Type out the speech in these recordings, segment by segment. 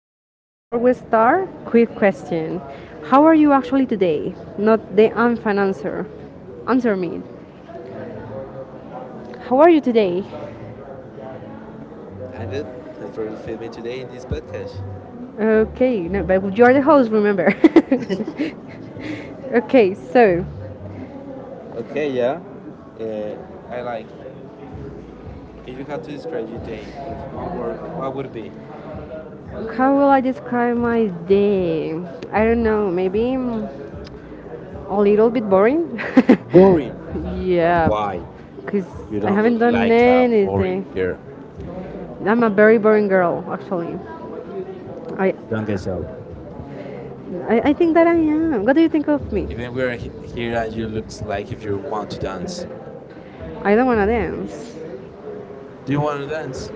again. Before we start, quick question: How are you actually today? Not the unfan answer. Answer me. How are you today? I'm good. Thanks for feeding me today in this podcast. Okay, no, but you are the host. Remember. Okay, so Okay, yeah. Uh, I like. If you had to describe your day with one word, what would it be? how will I describe my day? I don't know. Maybe a little bit boring. Boring. But yeah, why? because You I don't look haven't done like a boring anything. girl. I'm a very boring girl, actually. I Don't get so. I think that I am. What do you think of me? Even here and you looks like if you want to dance. I don't want to dance. Do you want to dance?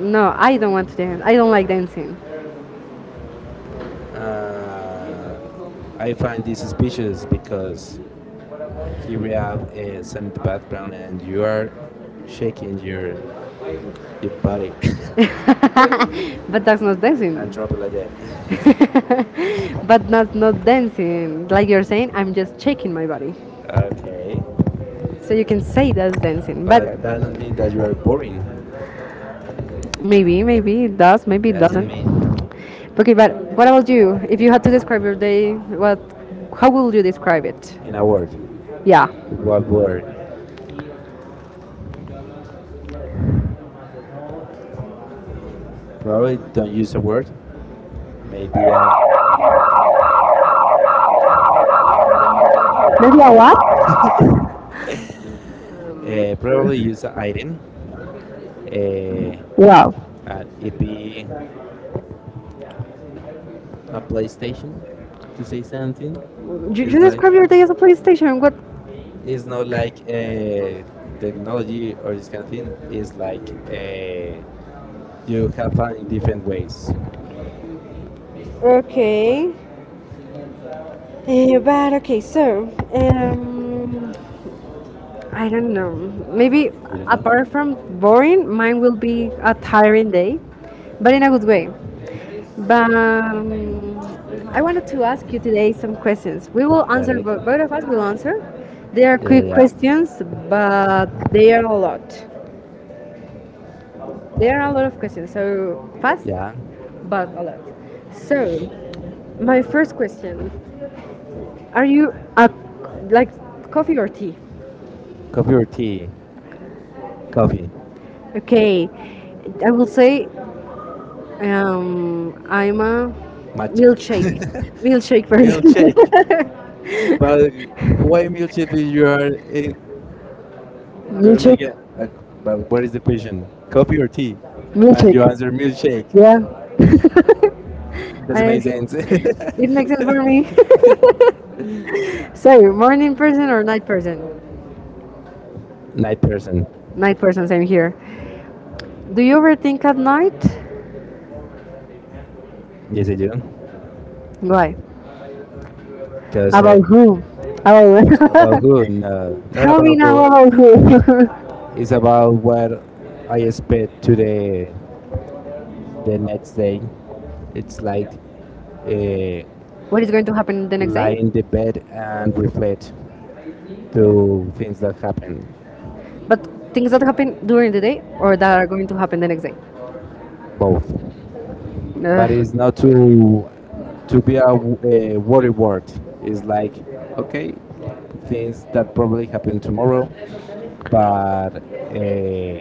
No, I don't want to dance. I don't like dancing. Uh, I find this suspicious because here we have some in the background and you are shaking your body but that's not dancing. and drop it like that. but not dancing. Like you're saying, I'm just shaking my body. Okay, So you can say that's dancing. but But that doesn't mean that you are boring. maybe it does, It maybe it doesn't doesn't. mean Okay, but what about you? If you had to describe your day, what how would you describe it? in a word. Yeah. What word? Probably don't use a word. Maybe a, Maybe a what? Probably use an item. Eh, Wow. An be a PlayStation to say something. You It's like describe your day as a police station. What? it's not like technology or this kind of thing. It's like you have fun in different ways. Okay. But okay, so um, I don't know. Maybe You don't know. apart from boring, mine will be a tiring day, but in a good way. But I wanted to ask you today some questions. We will Got answer, it. Both of us will answer. They Yeah, are quick yeah, questions, but they are a lot. There are a lot of questions, so fast, yeah. but a lot. So, my first question: Are you a like coffee or tea? Coffee or tea? Coffee. Okay, I will say I'm a Matcha. milkshake, milkshake person. Milkshake. But why what- milkshake? If you are you are milkshake, making. A, but what is the question? Coffee or tea? And you Milkshake. milkshake. Answer milkshake. Yeah, Doesn't I make I, sense. It it makes sense makes for me. So, morning person or night person? Night person. Night person, same here. Do you overthink at night? Yes, I do. Why? Because wow. About who? About About who? No, not Mommy, about now who. about who? It's about what I expect to the next day. It's like uh, what is going to happen the next, lie in the bed and reflect to things that happen, but things that happen during the day or that are going to happen the next day. both. But it's not to be a worry word. It's like okay, things that probably happen tomorrow, but uh,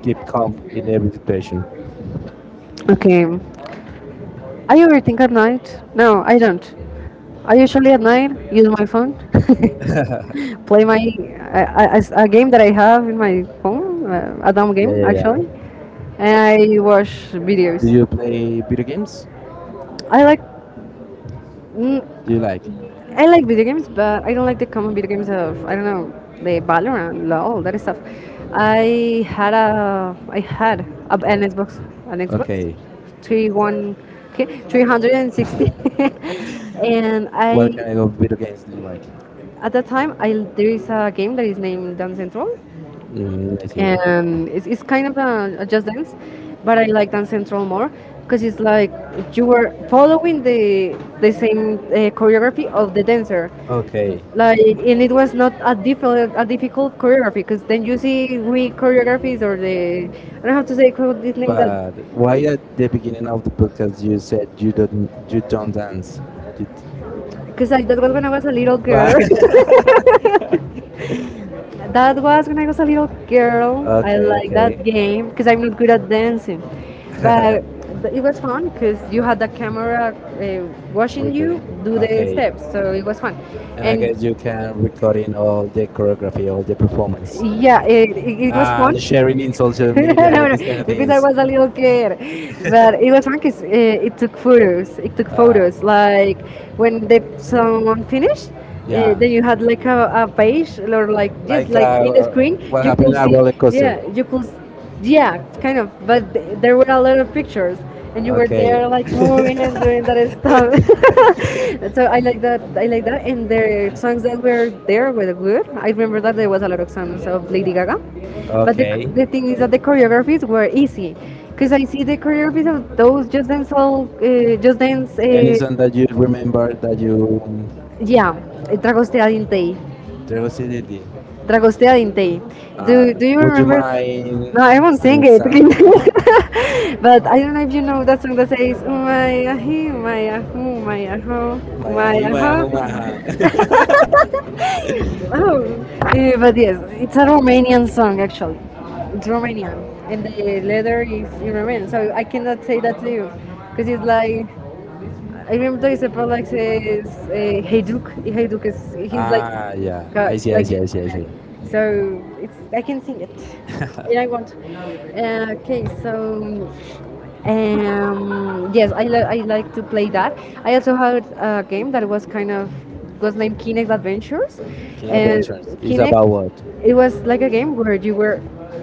keep calm in every situation. Ugh. Okay, I overthink at night. No, I don't. I usually at night use my phone, play my a game that I have in my phone, a dumb Yeah, game yeah, yeah. actually, and I watch videos. Do you play video games? I like mm, Do you like? I like video games, but I don't like the common video games of, I don't know, the valorant, lol, that stuff. I had a, an xbox, an xbox Okay. 3 1. Okay, 306. And What I, kind of video games do you like? at that time, I there is a game that is named Dance Central, Mm, I see. and it's kind of a just dance, but I like Dance Central more, because it's like you were following the same choreography of the dancer, Okay. like. And it was not a difficult a difficult choreography, because then you see weak choreographies or the, I don't know how to say it, name that. But why at the beginning of the podcast you said you don't dance? You d- Right, because like that was when I was a little girl. but That was when I was a little girl. I okay, like okay. that game because I'm not good at dancing, but it was fun because you had the camera uh, watching Recording. you do the Okay, steps, so it was fun. and I guess you can record in all the choreography, all the performance, Yeah, it was fun. and sharing in social No, no, media, these kind no, of because I things. was a little kid, but it was fun because it took photos. It took Uh, photos. Like when the song finished, yeah, then you had like a page, or like just like a screen. what happened at roller coaster. You could, yeah, kind of, but there were a lot of pictures, and you were, okay, Okay. there like moving and doing that stuff. So I like that, I like that, and the songs that were there were good. I remember that there was a lot of songs of Lady Gaga. But the, okay, Okay. the thing is that the choreographies were easy, because I see the choreographies of those just dance all, just dance, Any song that you remember that you yeah, Dragostea Dintei. Tregosidity. Dragostea Dintei. Uh, Do you, would you mind no, I won't sing sing it. some? But I don't know if you know that song that says "Umaya hi, umaya hu, umaya ho, Maya hi, umaya maya ho." humaha. Oh, eh, but yes, it's a Romanian song actually. It's Romanian, and the letter is in Romanian, so I cannot say that to you, because it's like, I remember there is a part like says, "Hey Duke, Hey Duke is he's Yeah. God," so it's, I can sing it, and I want. Okay, so, yes, I like to play that. I also had a game that was kind of was named Kinect Adventures, King it's and adventures, what? it was like a game where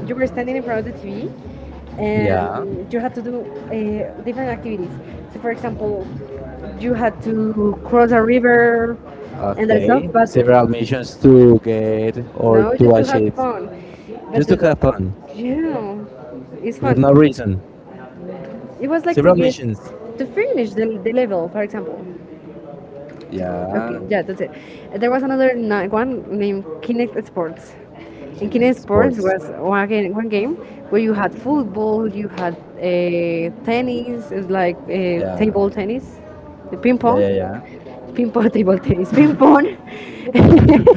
you were standing in front of the TV, and you had to do different activities. So, for example, you had to cross a river and that, okay, stuff, And but so several to missions to get or just to have fun. But just to have the, fun. yeah, it's With fun. not No, no reason. it was like to get Missions. to finish the level, for example. Yeah, Okay, yeah. yeah, that's it. There was another one named Kinect Sports. Can And Kinect Sports sports? was one game where you had football, you had tennis, it was like table tennis, the ping pong. Yeah, Yeah. ping pong. Table tennis, ping pong.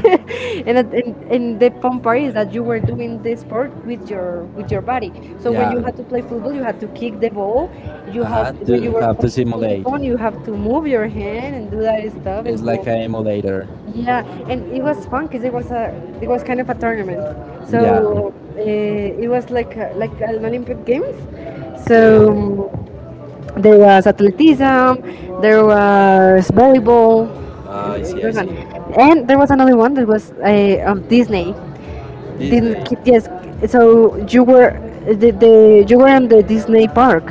And, and the fun part is that you were doing the sport with your body. So when you Yeah. had to play football, you had to kick the ball. You Uh huh. had, when To you were have to playing ping simulate. pong, you have to move your hand and do that stuff. It's like an emulator. Yeah, and it was fun because it was kind of a tournament, yeah, Yeah. Yeah. so it was like a, like an Olympic Games. Yeah, So yeah. um, there was athleticism, there was volleyball. Ah, Ah, I I It see. see. I Was fun, see. and there was another one that was on Disney. Disney. Didn't Disney. keep, yes. So you were the, you were in the Disney park,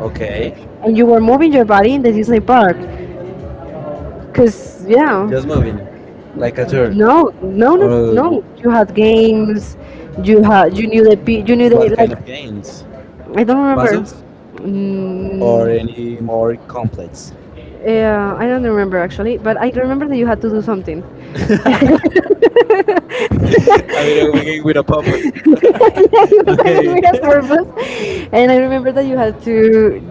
Okay. and you were moving your body in the Disney park, because, yeah. Just moving, like a Turn. turn, No, no, no, no. You had games. You had. You knew the, pe- you knew what the. kind of Like, games? I don't remember. Puzzles or Mm, any more complex? or yeah, I don't remember actually, but I remember that you had to do something. I mean, I'm beginning with a purpose. I More. made a purpose, and I remember that you had to.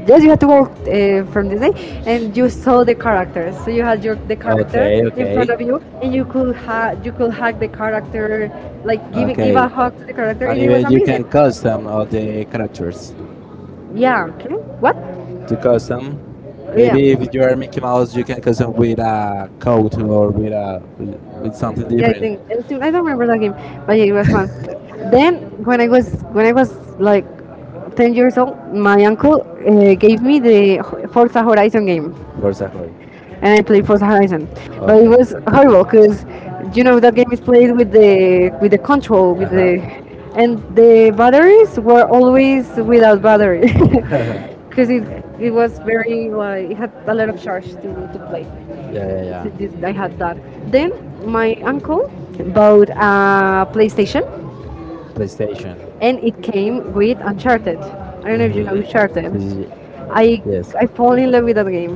Yes, you had to walk from this day, and you saw the characters. So you had your the characters. In Front front of you, and you could you could hug the character, like give a hug to the character. and custom all the characters. Yeah. Okay. What? To custom. Yeah. Maybe if you are Mickey Mouse, you can custom with a coat or with something different I think, I don't remember that game, but yeah, it was fun. Then when I was, when I was like 10 years old, my uncle gave me the Forza Horizon game, for Sahur. and I played Forza Horizon, but it Okay. was horrible because, you know, that game is played with the, with the control, with Uh the, huh. and the batteries were always without battery. Yeah, Because it was very like, it had a lot of charge to play. yeah, yeah. I had that, then my uncle bought a playstation, PlayStation. and it came with Uncharted. I don't know if you know Uncharted. Mm-hmm. i Yes. I fall in love with that game.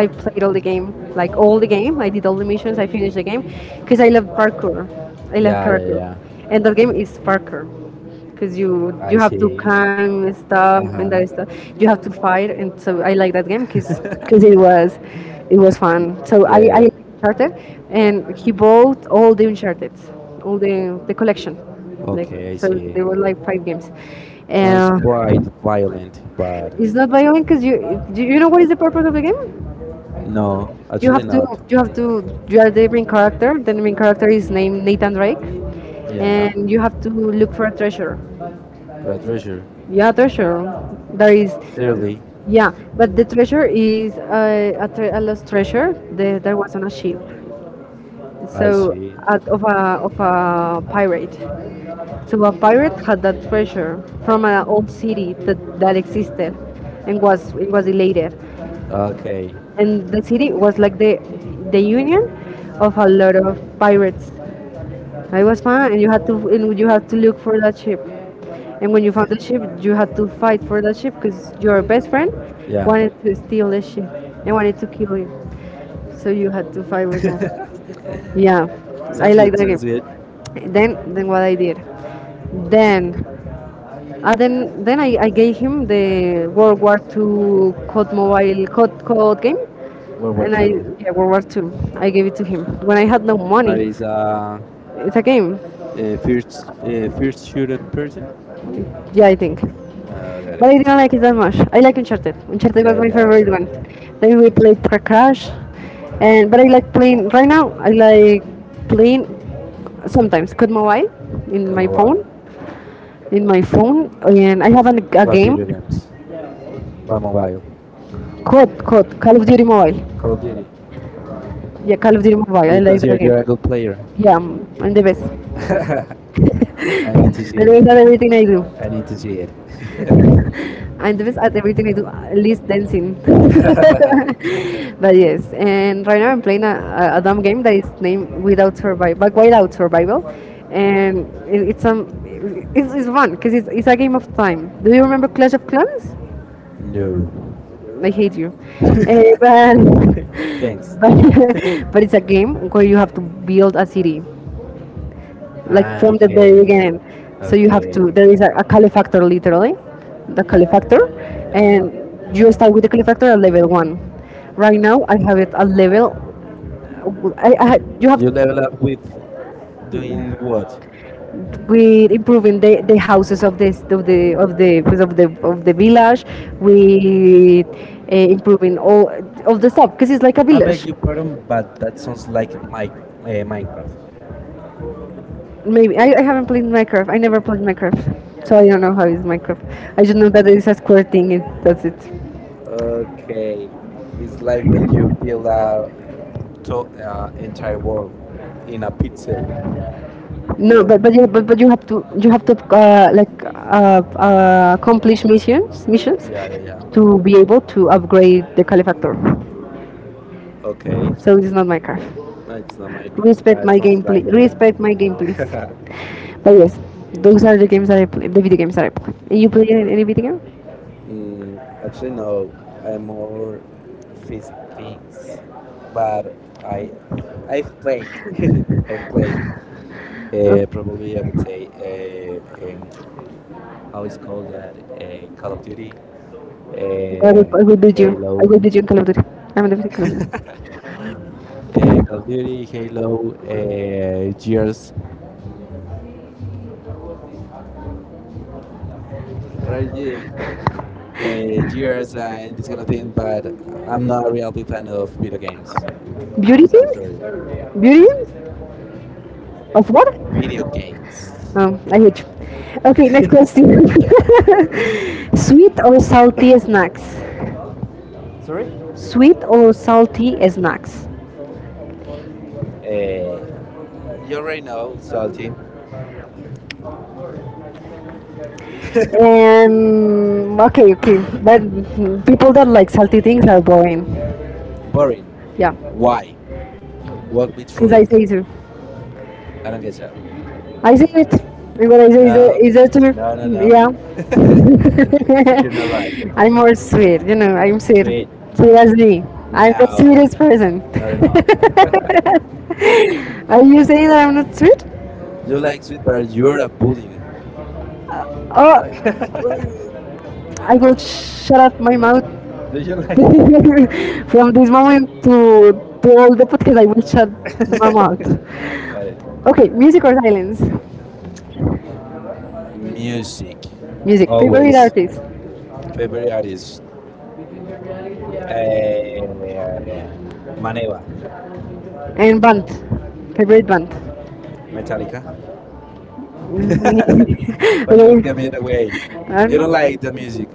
I played all the game, like all the game, I did all the missions, I finished the game, because I love parkour. I love, Yeah. and that game is Parker, because you have to climb stuff and that stuff, you have to fight. And so I like that game because it was, it was fun. So I like Uncharted, and he bought all the Uncharted, all the collection. So there were like 5 games, uh, Quite violent, but it's not violent, because you do, you know what is the purpose of the game. no, You you have to you have to You are the main character, the main character is named Nathan Drake, and you have to look for a treasure. but treasure. Yeah, treasure. There is, Seriously. yeah, but the treasure is a, a lost treasure that, that was on a ship. So, at, of a pirate. So a pirate had that treasure from an old city that, that existed, and was, it was elated, Okay. and the city was like the union of a lot of pirates. It was fun, and you had to look for that ship. And when you found the ship, you had to fight for that ship because your best friend They yeah. wanted to steal the ship and wanted to kill him. So you had to fight with. Yeah, I Sounds like good. that Sounds good. game. Then what I did. Then I gave him the World War II COD mobile, COD, COD game, World War and I, Two, yeah, World War II. I it. gave it to him when I had no But money. it's It's a game. a first shooter person. Yeah, I think. Got but But I it. didn't like it that much. I like Uncharted. Uncharted Yeah, was yeah, my yeah. favorite Tried one. it. Then we played Car Crash, and but I like playing right now. I like playing sometimes Code Mobile in Come a my while, phone, man. in my phone, and I have a What game, video games? By mobile. COD COD Call of Ca- Duty Mobile. Call of Duty. Yeah, Call of Duty Mobile. Do I you like consider that game. you're a good player? Yeah, I'm the best. I I need to see do it. that everything I do. I need to see it. And the best at everything I do, at least dancing. But yes, and right now I'm playing a dumb game that is named Without Survival, but Without Survival, and it's it's fun because it's a game of time. Do you remember Clash of Clans? No. I hate you. Eh, but Thanks. But it's a game where you have to build a city like Ah, from the very okay. game. So you have to. There is a Kali factor literally, the Kali factor, and you start with the Kali factor at level one. Right now I have it at level. You have Level up with doing what? with improving the houses of this of the pues, of the village with improving all of the stuff because it's like a village Your pardon, but that sounds makes like my Minecraft. sense. Maybe I haven't played Minecraft. I never played Minecraft, so I don't know how is Minecraft. I just know that it's a square thing. It, that's it. Okay, it's like when you build a to, entire world in a pixel. No, but yeah, but you have to like accomplish missions Yeah, yeah, yeah. to be able to upgrade the calefactor. Okay. So it's not Minecraft. No, it's not Minecraft, Respect but my sounds game. like that. Respect my game, please. But yes, those are the games that I play. The video games that I play. You play any video game? Mm, actually, no. I'm more physic things, but I I've played I've played it. Probably I would say how it's called that Call of Duty, Okay. Uh, I will beat you. I Halo, will beat you in Call of Duty. I'm in the Call of Call of Duty, Halo, Gears. What are you doing? uh, Duty. Years and this kind of thing, but I'm not a real big fan of video games. I'm Beauty so games? sorry. Beauty games? Of what? Video games. I hate you. Okay, next question. Sweet or salty snacks? Sorry? Sweet or salty snacks? Uh, you already know, salty. Okay, okay. But people that like salty things are boring. Boring. Yeah, Why? Walk me through because I it. say so. I don't get that. I said it. I'm gonna say is no, a, No, is that true? No, no, no, no, no. no. Yeah. You're not You're not yeah, right. right. I'm more sweet, I'm sweet. Sweet. Sweet. Sweet as me. I'm the no, No, sweetest person. not at all. No, you're you saying that I'm not sweet? You like sweet, but you're a bully. Uh, oh, I will shut up my you, mouth. Do do you you like? like From this moment to all the podcast. I will shut my mouth. Got it. Okay, music or silence? Music? Music. Oh. Favorite okay, Always. artist Favorite artist? Eh, Maneva, and band. Favorite band. Metallica. But you But can you'll give me the say, way. I You you don't don't like the music,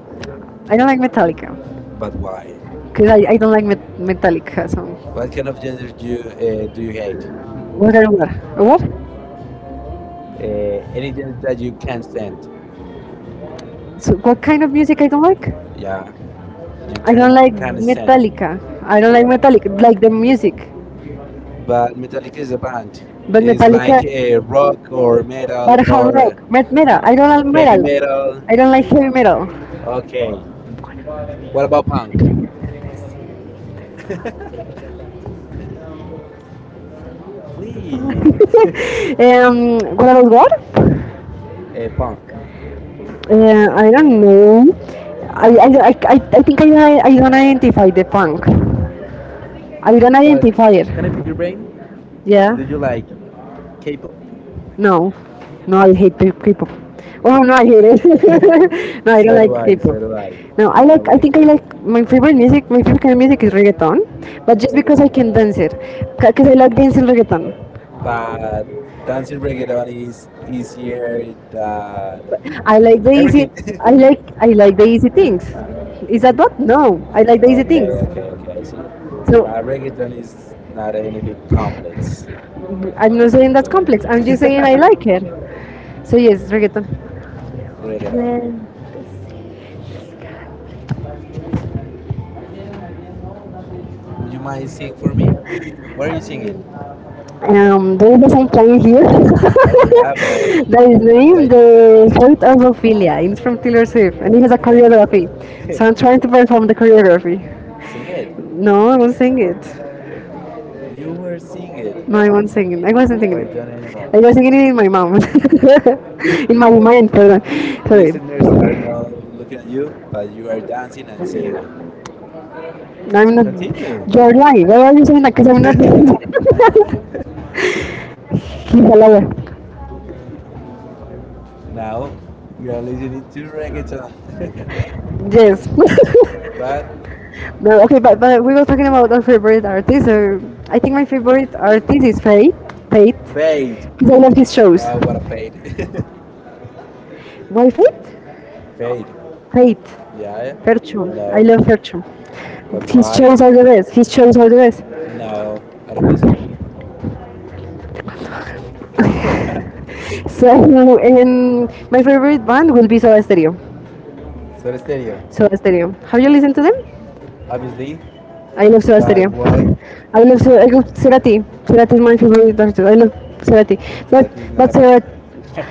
I don't like Metallica but why? because I don't like Metallica. So What kind of genre do you hate? what I don't like? What? Anything that you can't stand? So what kind of music I don't like? Yeah, you I can don't like can not stand. Metallica. I don't like Metallica. Like the music, But Metallica is a band. but you It's Metallica. like a rock or metal But hard or rock, metal. I don't heavy like metal. metal. I don't like heavy metal. Okay. What about punk? Play um, what about what? Punk. I don't know. I think I don't identify the punk. I don't But identify it. can I pick your brain? Do Yeah. Did you like K-pop? no. No, I hate people. Oh no, I hate it. No, I don't do So like do I, I. so So do I. k. No, No, I I like. don't I like think I K-pop. like my favorite music. My favorite kind of music is reggaeton, but just because I can dance it, because I like dancing reggaeton. But dancing reggaeton is easier than I like the easy. everything. Everything. I like. I like the easy things. Is that what? No, No, I like the easy okay, okay, okay. things. I see. So Reggaeton is not anything complex. I'm not saying that's complex. I'm just saying I like it. So yes, reggaeton. Reggaeton. Would you mind sing for me? Where are you singing? There is a song playing here. Yeah, yeah, yeah. But That is I named like to. Like, The Fruit of Ophelia. And it's from Taylor Swift and it has a okay. choreography. So I'm trying to No. perform the choreography. Sing it. No, I won't sing it. You were singing it. No, I won't sing it. I wasn't singing Wait, it. Johnny Mo. I Sing was singing it in my mouth. In my it. mind, pardon. Sorry. Listeners are not looking at you, but you are dancing and singing it. No, I'm not. Continue. You're lying. Why are you saying that? Because I'm not. He's a liar. Now we are listening to reggaeton. Yes. But No, okay, but we were talking about our favorite artist. So I think my favorite artist is Fate. Fate. fade. 'Cause I love his shows. Oh, what a fade. Why Fate? Fade. Fate. Yeah, Ferchu. I I know. love Ferchu. But His why? shows are the best. His shows are the best. No, I don't guess so. So and my favorite band will be Soda Stereo. So the stereo, Soda Stereo. Have you listened to them? obviously. I love Soda But Stereo. why? I love Soda- I love Cerati. Cerati is my favorite artist. I love Cerati. So But it's but not Cerati,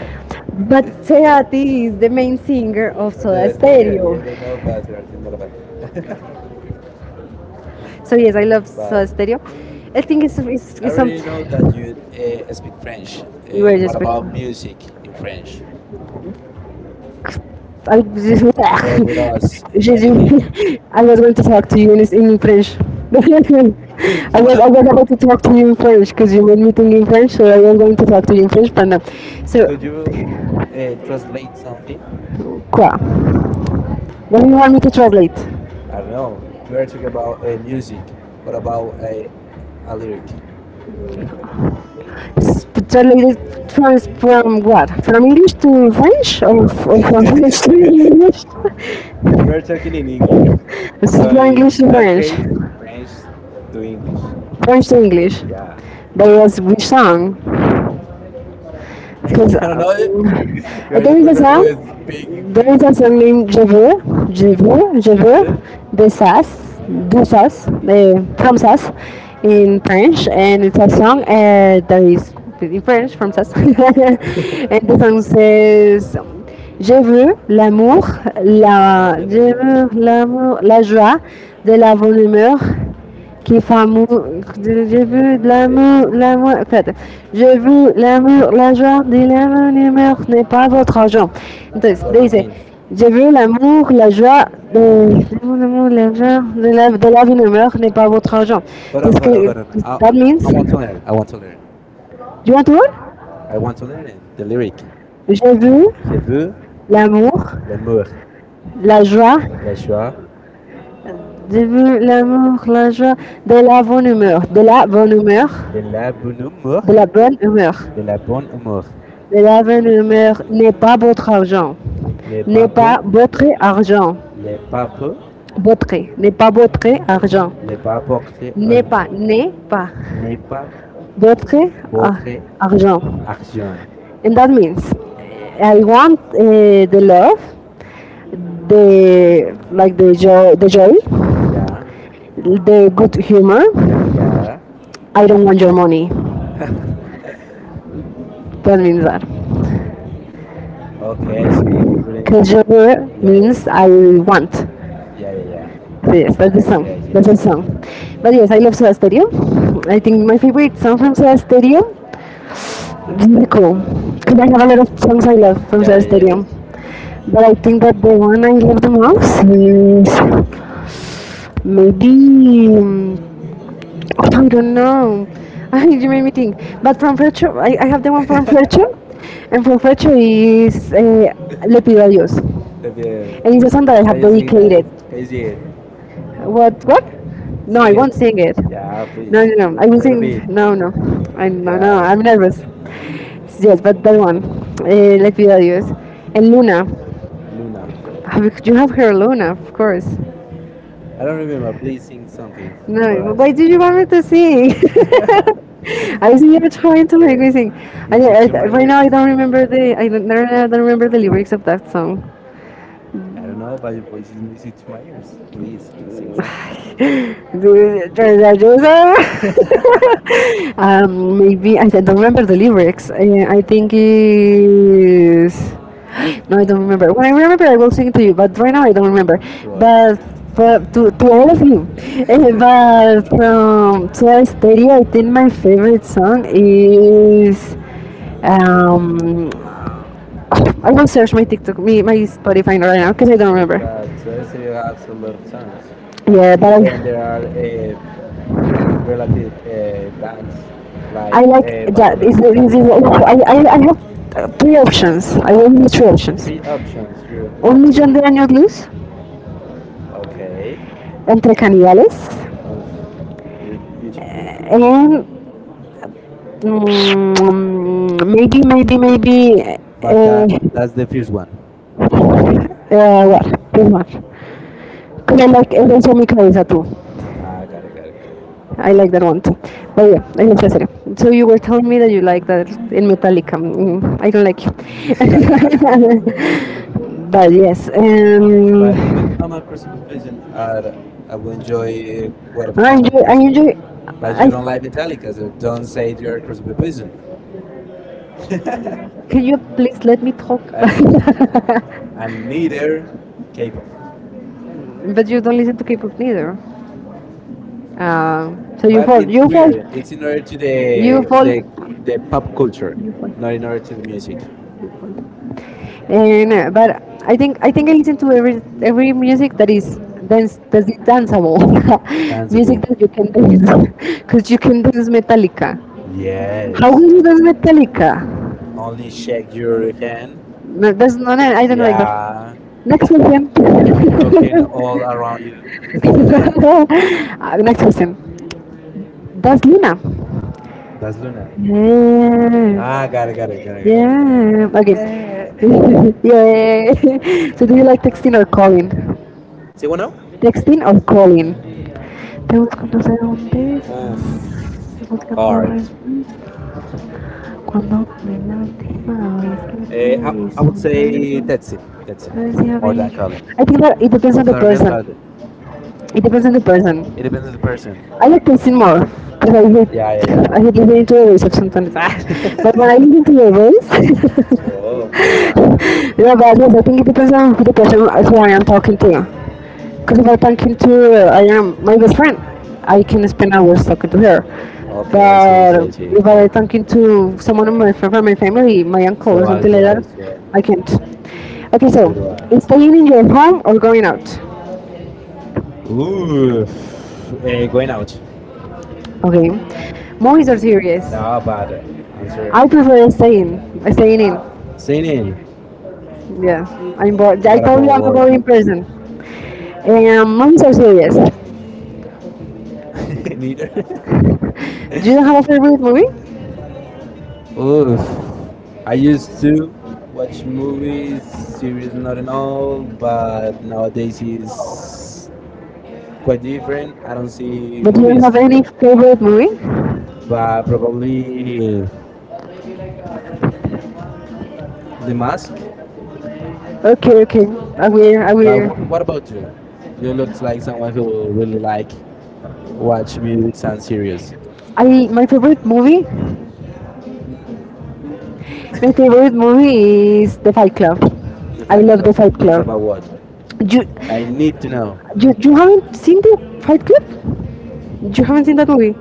a but Seati is the main singer of Soda the stereo, Stereo. yes, I know, but Cerati not a band. So yes, I love Uh, Soda Stereo. I think I it's something already know that you speak French. Were What just. about music in French? I, Share with us anything. I was going to talk to you in French. So now, I was about to talk to you in French because you made me think in French, so I was going to talk to you in French, but no. So, could you translate something? quoi? Then you want What? me to translate? I don't know. We are talking about music. What about a lyric? Translated from what? From English to French? Or, from French to English? We're talking in English. This is So from in English to that French. case, French French to English. to English. Yeah. That was which song? I Because don't know. You're there the is a person a who song, is speaking there there French is is a a song named Je something. veux, je veux, je Je veux, veux, de sas, do sas, from Sass in French, and it's a song that is in French from Sass. And the song says, Je veux l'amour, je veux, la, je j'aime veux l'amour, la, la la joie, de la bonne humeur, qui font amour. J'ai vu de l'amour, l'amour. En fait, j'ai vu l'amour, la joie, de l'amour, l'humeur n'est pas votre argent. Donc, joie. That's what does it c'est- mean basically. j'ai vu l'amour, la joie, de l'amour, l'amour, la joie, de de la vie, l'humeur n'est pas votre argent. Hold on, Parce hold on, que, hold on. I that that means I means, want to learn. I want to learn. do you want to learn? I want to learn it, the lyric. J'ai vu Je veux l'amour, l'amour, la joie, la joie, j'ai vu l'amour, la joie, de la bonne humeur, de la bonne humeur, de la bonne humeur. de la bonne humeur, L'avenue meurt n'est pas votre argent. les et de N'est la babos, pas votre bonté argent. les papes, Votre n'est pas votre argent. le bas porté, N'est pas n'est pas bo- votre votre argent. action. And that means I want the love, the like the joy, the joy, Yeah, the good humor. yeah. I don't want your money. That means that. Okay, I see. Good Because internship. your Yeah, means I want. yeah, yeah, yeah, yeah. Yes, that's the I see, song. I see, I That's see. the song. But yes, I love Soda Stereo. I think my favorite song from Soda Stereo is cool. Because I have a lot of songs I love from Yeah, yeah, Soda yeah. Stereo. But I think that the one I love the most is maybe. mm, I don't know. I, you made me think. But from Frecho, I have the one from Frecho. And from Frecho is Le Pido a Dios. Uh, And the- it's a song that I Can have you sing that? dedicated. Can you sing it? What? What? No, No, I sing it, won't can't. sing it. Yeah, No, no, no, please. no. I A will little sing. bit. No, no. I no, no. Yeah, I'm nervous. Yes, but that one. Let me tell you. And Luna. Luna. Have you have heard Luna, of course. I I don't remember. Please sing something for no, us, why do you want me to sing? I was here it? trying to make me sing. I, music I I, to my right ears. now, I to don't sing. Remember the. I don't, no, no, I don't remember the lyrics of that song. I don't know, but your voice is music to my ears. Please sing some Trevor Joseph. Maybe don't remember the lyrics. I think is no, I don't remember. When I remember, I will sing it to you. But right now, I don't remember. to Right. us. But for, to all of you, But from Soda Stereo, I think my favorite song is um. I will search my TikTok, me, my Spotify right now because I don't remember. There's you have a lot of songs. Like Yeah, yeah, even there are relative uh, bands I I like like that. that. Is Fabulous I Bangladesh. Cadillacs. I have three options. I will need three options. Three options. Your Un top three. millón de años luz, Okay. entre caníbales, Oof, you're beautiful. and maybe. But But that that's the first one. What? This one. And I like, and Well, then Somi Cabeza too. ah, got it, got it, got it. I like that one too. But yeah, I love Cesare. So you were telling me that you like that in Metallica. I don't like you. But yes. But But even I'm a Christopher Pigeon, I would enjoy whatever I kind of enjoy. I music. But you don't enjoy. like I, Metallica, so don't say you're a Christopher Pigeon. can you please let me talk? And, you, and neither K-pop. But you don't listen to K-pop neither. So you But fall. it's You fall. weird. It's in order to the, You you fall- the pop culture, You fall. not in order to the music. And but I think I listen to every music that is dance that is danceable. Music Dance music danceable. that you can dance, because you can dance Metallica. Yeah, Dance. how How yes. will you dance Metallica? Only shake your hand. No, that's not. I don't like that. Yeah. Next question. I'm broken all around you. Next question. That's Luna. That's Luna. Ah, got it, Yeah. got it, got it, got it. Yeah. Okay. Yeah. Yeah. So do you like texting or calling? ¿Sí, now. Texting or calling? Oof, hard. Eh, I, I would say Tetsin, Tetsin, more than Colin. I think that it depends on Both the are good, but it it depends on the person. depends on the person. I like texting more because I hate Yeah, yeah, yeah. yeah. I hate listening to your voice sometimes. But when I listen to your voice, Oh, oh my God. yeah, but yes, I think it depends on who the person who I am talking to. Because if I talk to I am my best friend, I can spend hours talking to her. O- Okay, I see, I see, But I see. if I talking to someone of my, from my family, my uncle or So I something like do I, that, so I I do can't. Okay, so so do I. staying in your home or going out? Ooh, going out. Okay, movies or series? No, but answer I prefer staying, staying in. singing. Yeah, I'm bored. I What told you about I'm a work? boring person. Movies or series? Neither. Do you have a favorite movie? Oof. I used to watch movies, series, not and all, but nowadays is quite different. I don't see But do you movies, have any favorite movie? but probably The Mask. Okay, okay. I will. I But will. what about you? You look like someone who really like watch movies and series. I My favorite movie. My favorite movie is The Fight Club. The I fact love The fight Fight is Club. about what? You I need to know. you haven't seen The Fight Club? You haven't seen that movie?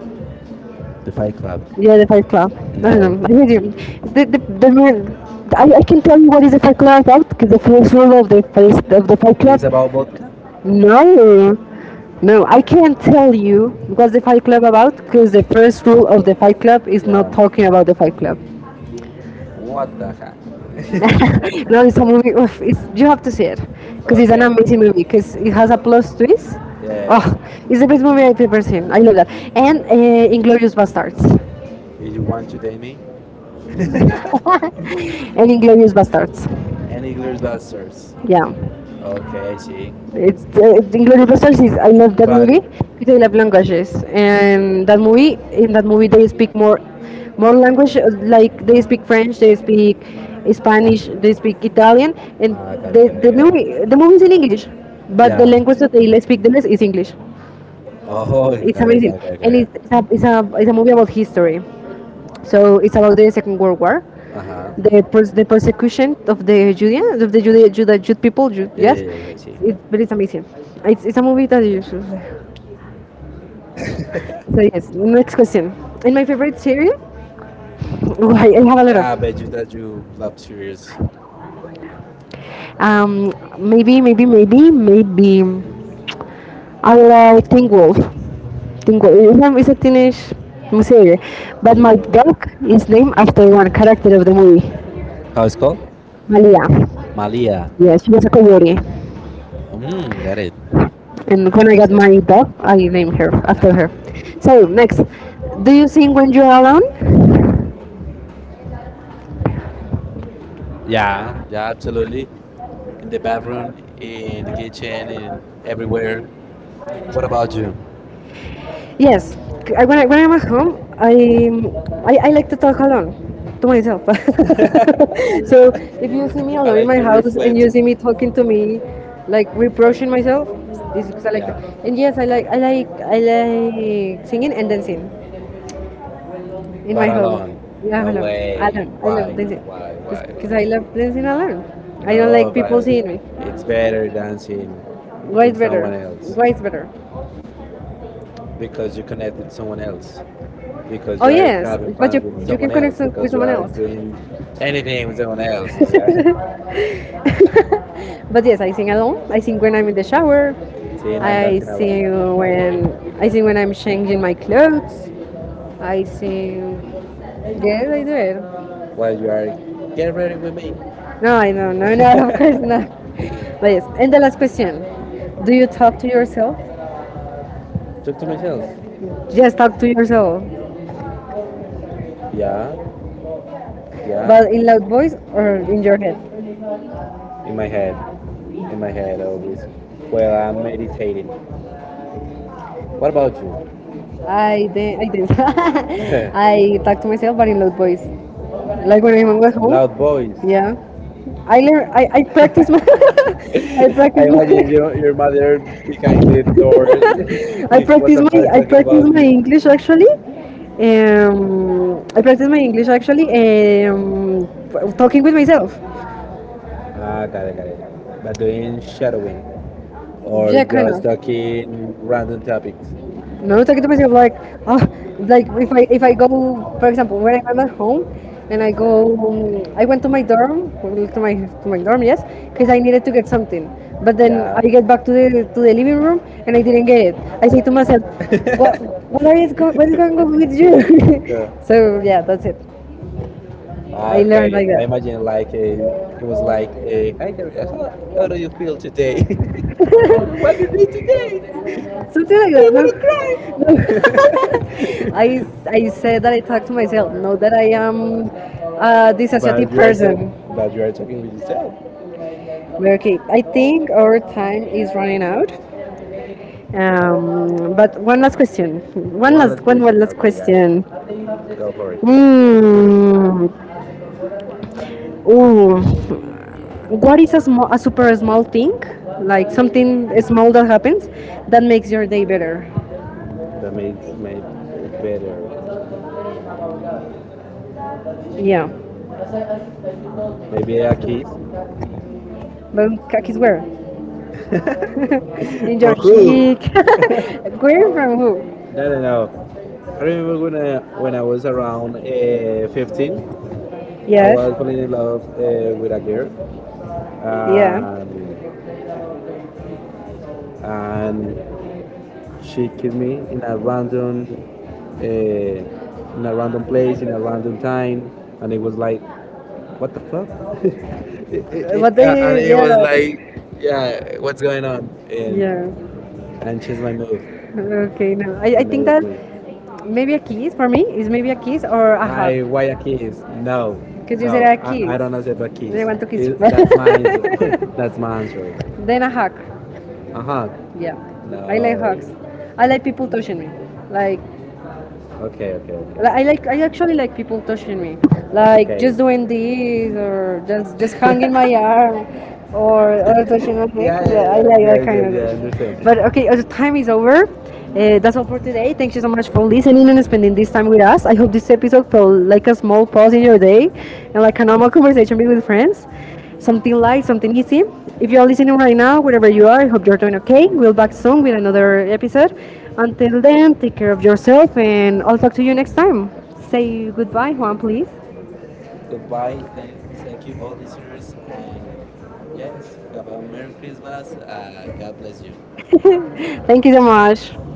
The Fight Club. Yeah, The Fight Club. No, no, No. no. I hear you. The man. I can tell you what is the Fight Club about because the first rule of the first of the Fight Club. It's about vodka? No. No, I can't tell you what's the Fight Club about because the first rule of the Fight Club is Yeah. not talking about the Fight Club. What the heck? No, it's a movie. Oof, it's, you have to see it because it's Okay. an amazing movie because it has a plus twist. Yeah, yeah, Oh, yeah. it's the best movie I've ever seen. I love that. And Inglorious Bastards. If you want to date me, And Inglorious Bastards. any glass blasters. Yeah. Okay, I see. It's Inglourious Basterds. I love that But movie because I love languages. And that movie, they speak more language. Like they speak French, they speak Spanish, they speak Italian, and ah, got the it, got the it, got it. movie the movie is in English, but the Yeah. language that speak the less is English. Oh, It's got it, amazing, got it, got it, got and it. It's a movie about history. So it's about the Second World War. Uh huh. The the persecution of the Judean of the Jude, Jude, Jude people. Yeah, Yes, yeah, yeah. I see. it's, but it's amazing. It's a movie that you should see. So yes, next question. In my favorite series, oh, I have a Yeah, I lot of. bet you that you love series. Um, maybe, maybe, maybe, maybe. I like Teen Wolf. Teen Wolf. It's a teenage series, but my Ooh, dog is named after one character of the movie, how it's called? Malia. Malia. Yeah, she was a coyote, Mm, got it. and when I got Interested. my dog, I named her after Uh-huh. her. So next, do you sing when you are alone? Yeah, yeah, absolutely. In the bathroom, in the kitchen, in everywhere. What about you? Yes, I when I'm at home, I like to talk alone to myself. So if you see me I alone in like my to house and reflect. you see me talking to me, like reproaching myself, it's because I like Yeah. that. And yes, I like singing and dancing in my But But alone. home. Yeah, No alone, alone. way. I love Why? Why? Why? dancing because I Why? love dancing alone. I don't No, like but people seeing me. it's better dancing Why it's with better? someone else Why it's better? because you connect with someone else because Oh, you are yes, having but fun you- with you can someone else with because you someone are else. doing anything with someone else. So, see, not But yes, I sing alone. I sing when I'm in the shower. dancing I alone. sing No way. when I'm changing my clothes. I sing. Yes, I do it. While you are get ready with me, No, I don't. No, no, of course not. But yes. And the last question: do you talk to yourself? talk to myself. Just talk to yourself. Yeah, yeah. But in loud voice or in your head? In my head, in my head always. Well, I'm meditating. What about I did. I dance. you? I talk to myself, but in loud voice. Like when I'm at Loud home. voice. Yeah. I practice my. I I practice. My, imagine your mother behind the door. I like what What practice the the fuck my. are you I person talking about? practice my was. English actually. I practice my English actually. Um, talking with myself. Ah, got it, got it. But doing shadowing or Yeah, kind just of. talking random topics. No, talking to myself like, oh, like if I go, for example, when I'm at home, and I go, I went to my dorm, well, to my dorm, yes, because I needed to get something. But then I get back to the living room, and I didn't get it. I say to myself, what what is going on with you? Yeah. So yeah, that's it. Ah, I learned okay, like I that. imagine like a, it was like a. Hi, Karina, how do you feel today? What What do you did do you do today? today? Something like Do you I that. No, want to cry? want to cry. No. I said that I talk to myself. Not that I am a but But dissociative you are talk- person. but you are talking with yourself. Okay, I think our time is running out. But one last question. One One last one, question. one last Okay, I got it. question. Go for it. Mm, oh, what is a small, a super small thing? Like something small that happens that makes your day better. That makes made it better. Yeah. Maybe a kid But khakis where? In your from who? cheek. Where from who? No, no, no. I remember when I was around 15, I I yes. was falling in love with a girl, uh, Yeah. and she kissed me in a random place, in a random time, and it was like, what the fuck? It, what Yeah, and they? it was like, Yeah. yeah, what's going on? Yeah. And she's my move. Okay. No, I think that another maybe a kiss for me is maybe a kiss or a hug. I I wire keys. No, Could no, you say I I don't know accept a keys. they want to kiss Is you. that's my that's my answer. Then a hug. Uh huh. Yeah, No. no. I like hugs. I like people touching me, like Okay. Okay. I actually like people touching me, like just doing this or just hanging my arm or touching my Yeah. neck. Yeah. Yeah. Yeah, I like that I Okay. kind I of. Thing. understand. But okay, the time is over. That's all for today. Thank you so much for listening and spending this time with us. I hope this episode felt like a small pause in your day and like a normal conversation with friends, something light, something easy. If you are listening right now, wherever you are, I hope you're doing okay. We'll back soon with another episode. Until then, take care of yourself, and I'll talk to you next time. Say goodbye, Juan, please. Goodbye. Thank you all listeners and yes. Have a merry Christmas. God bless you. Thank you so much.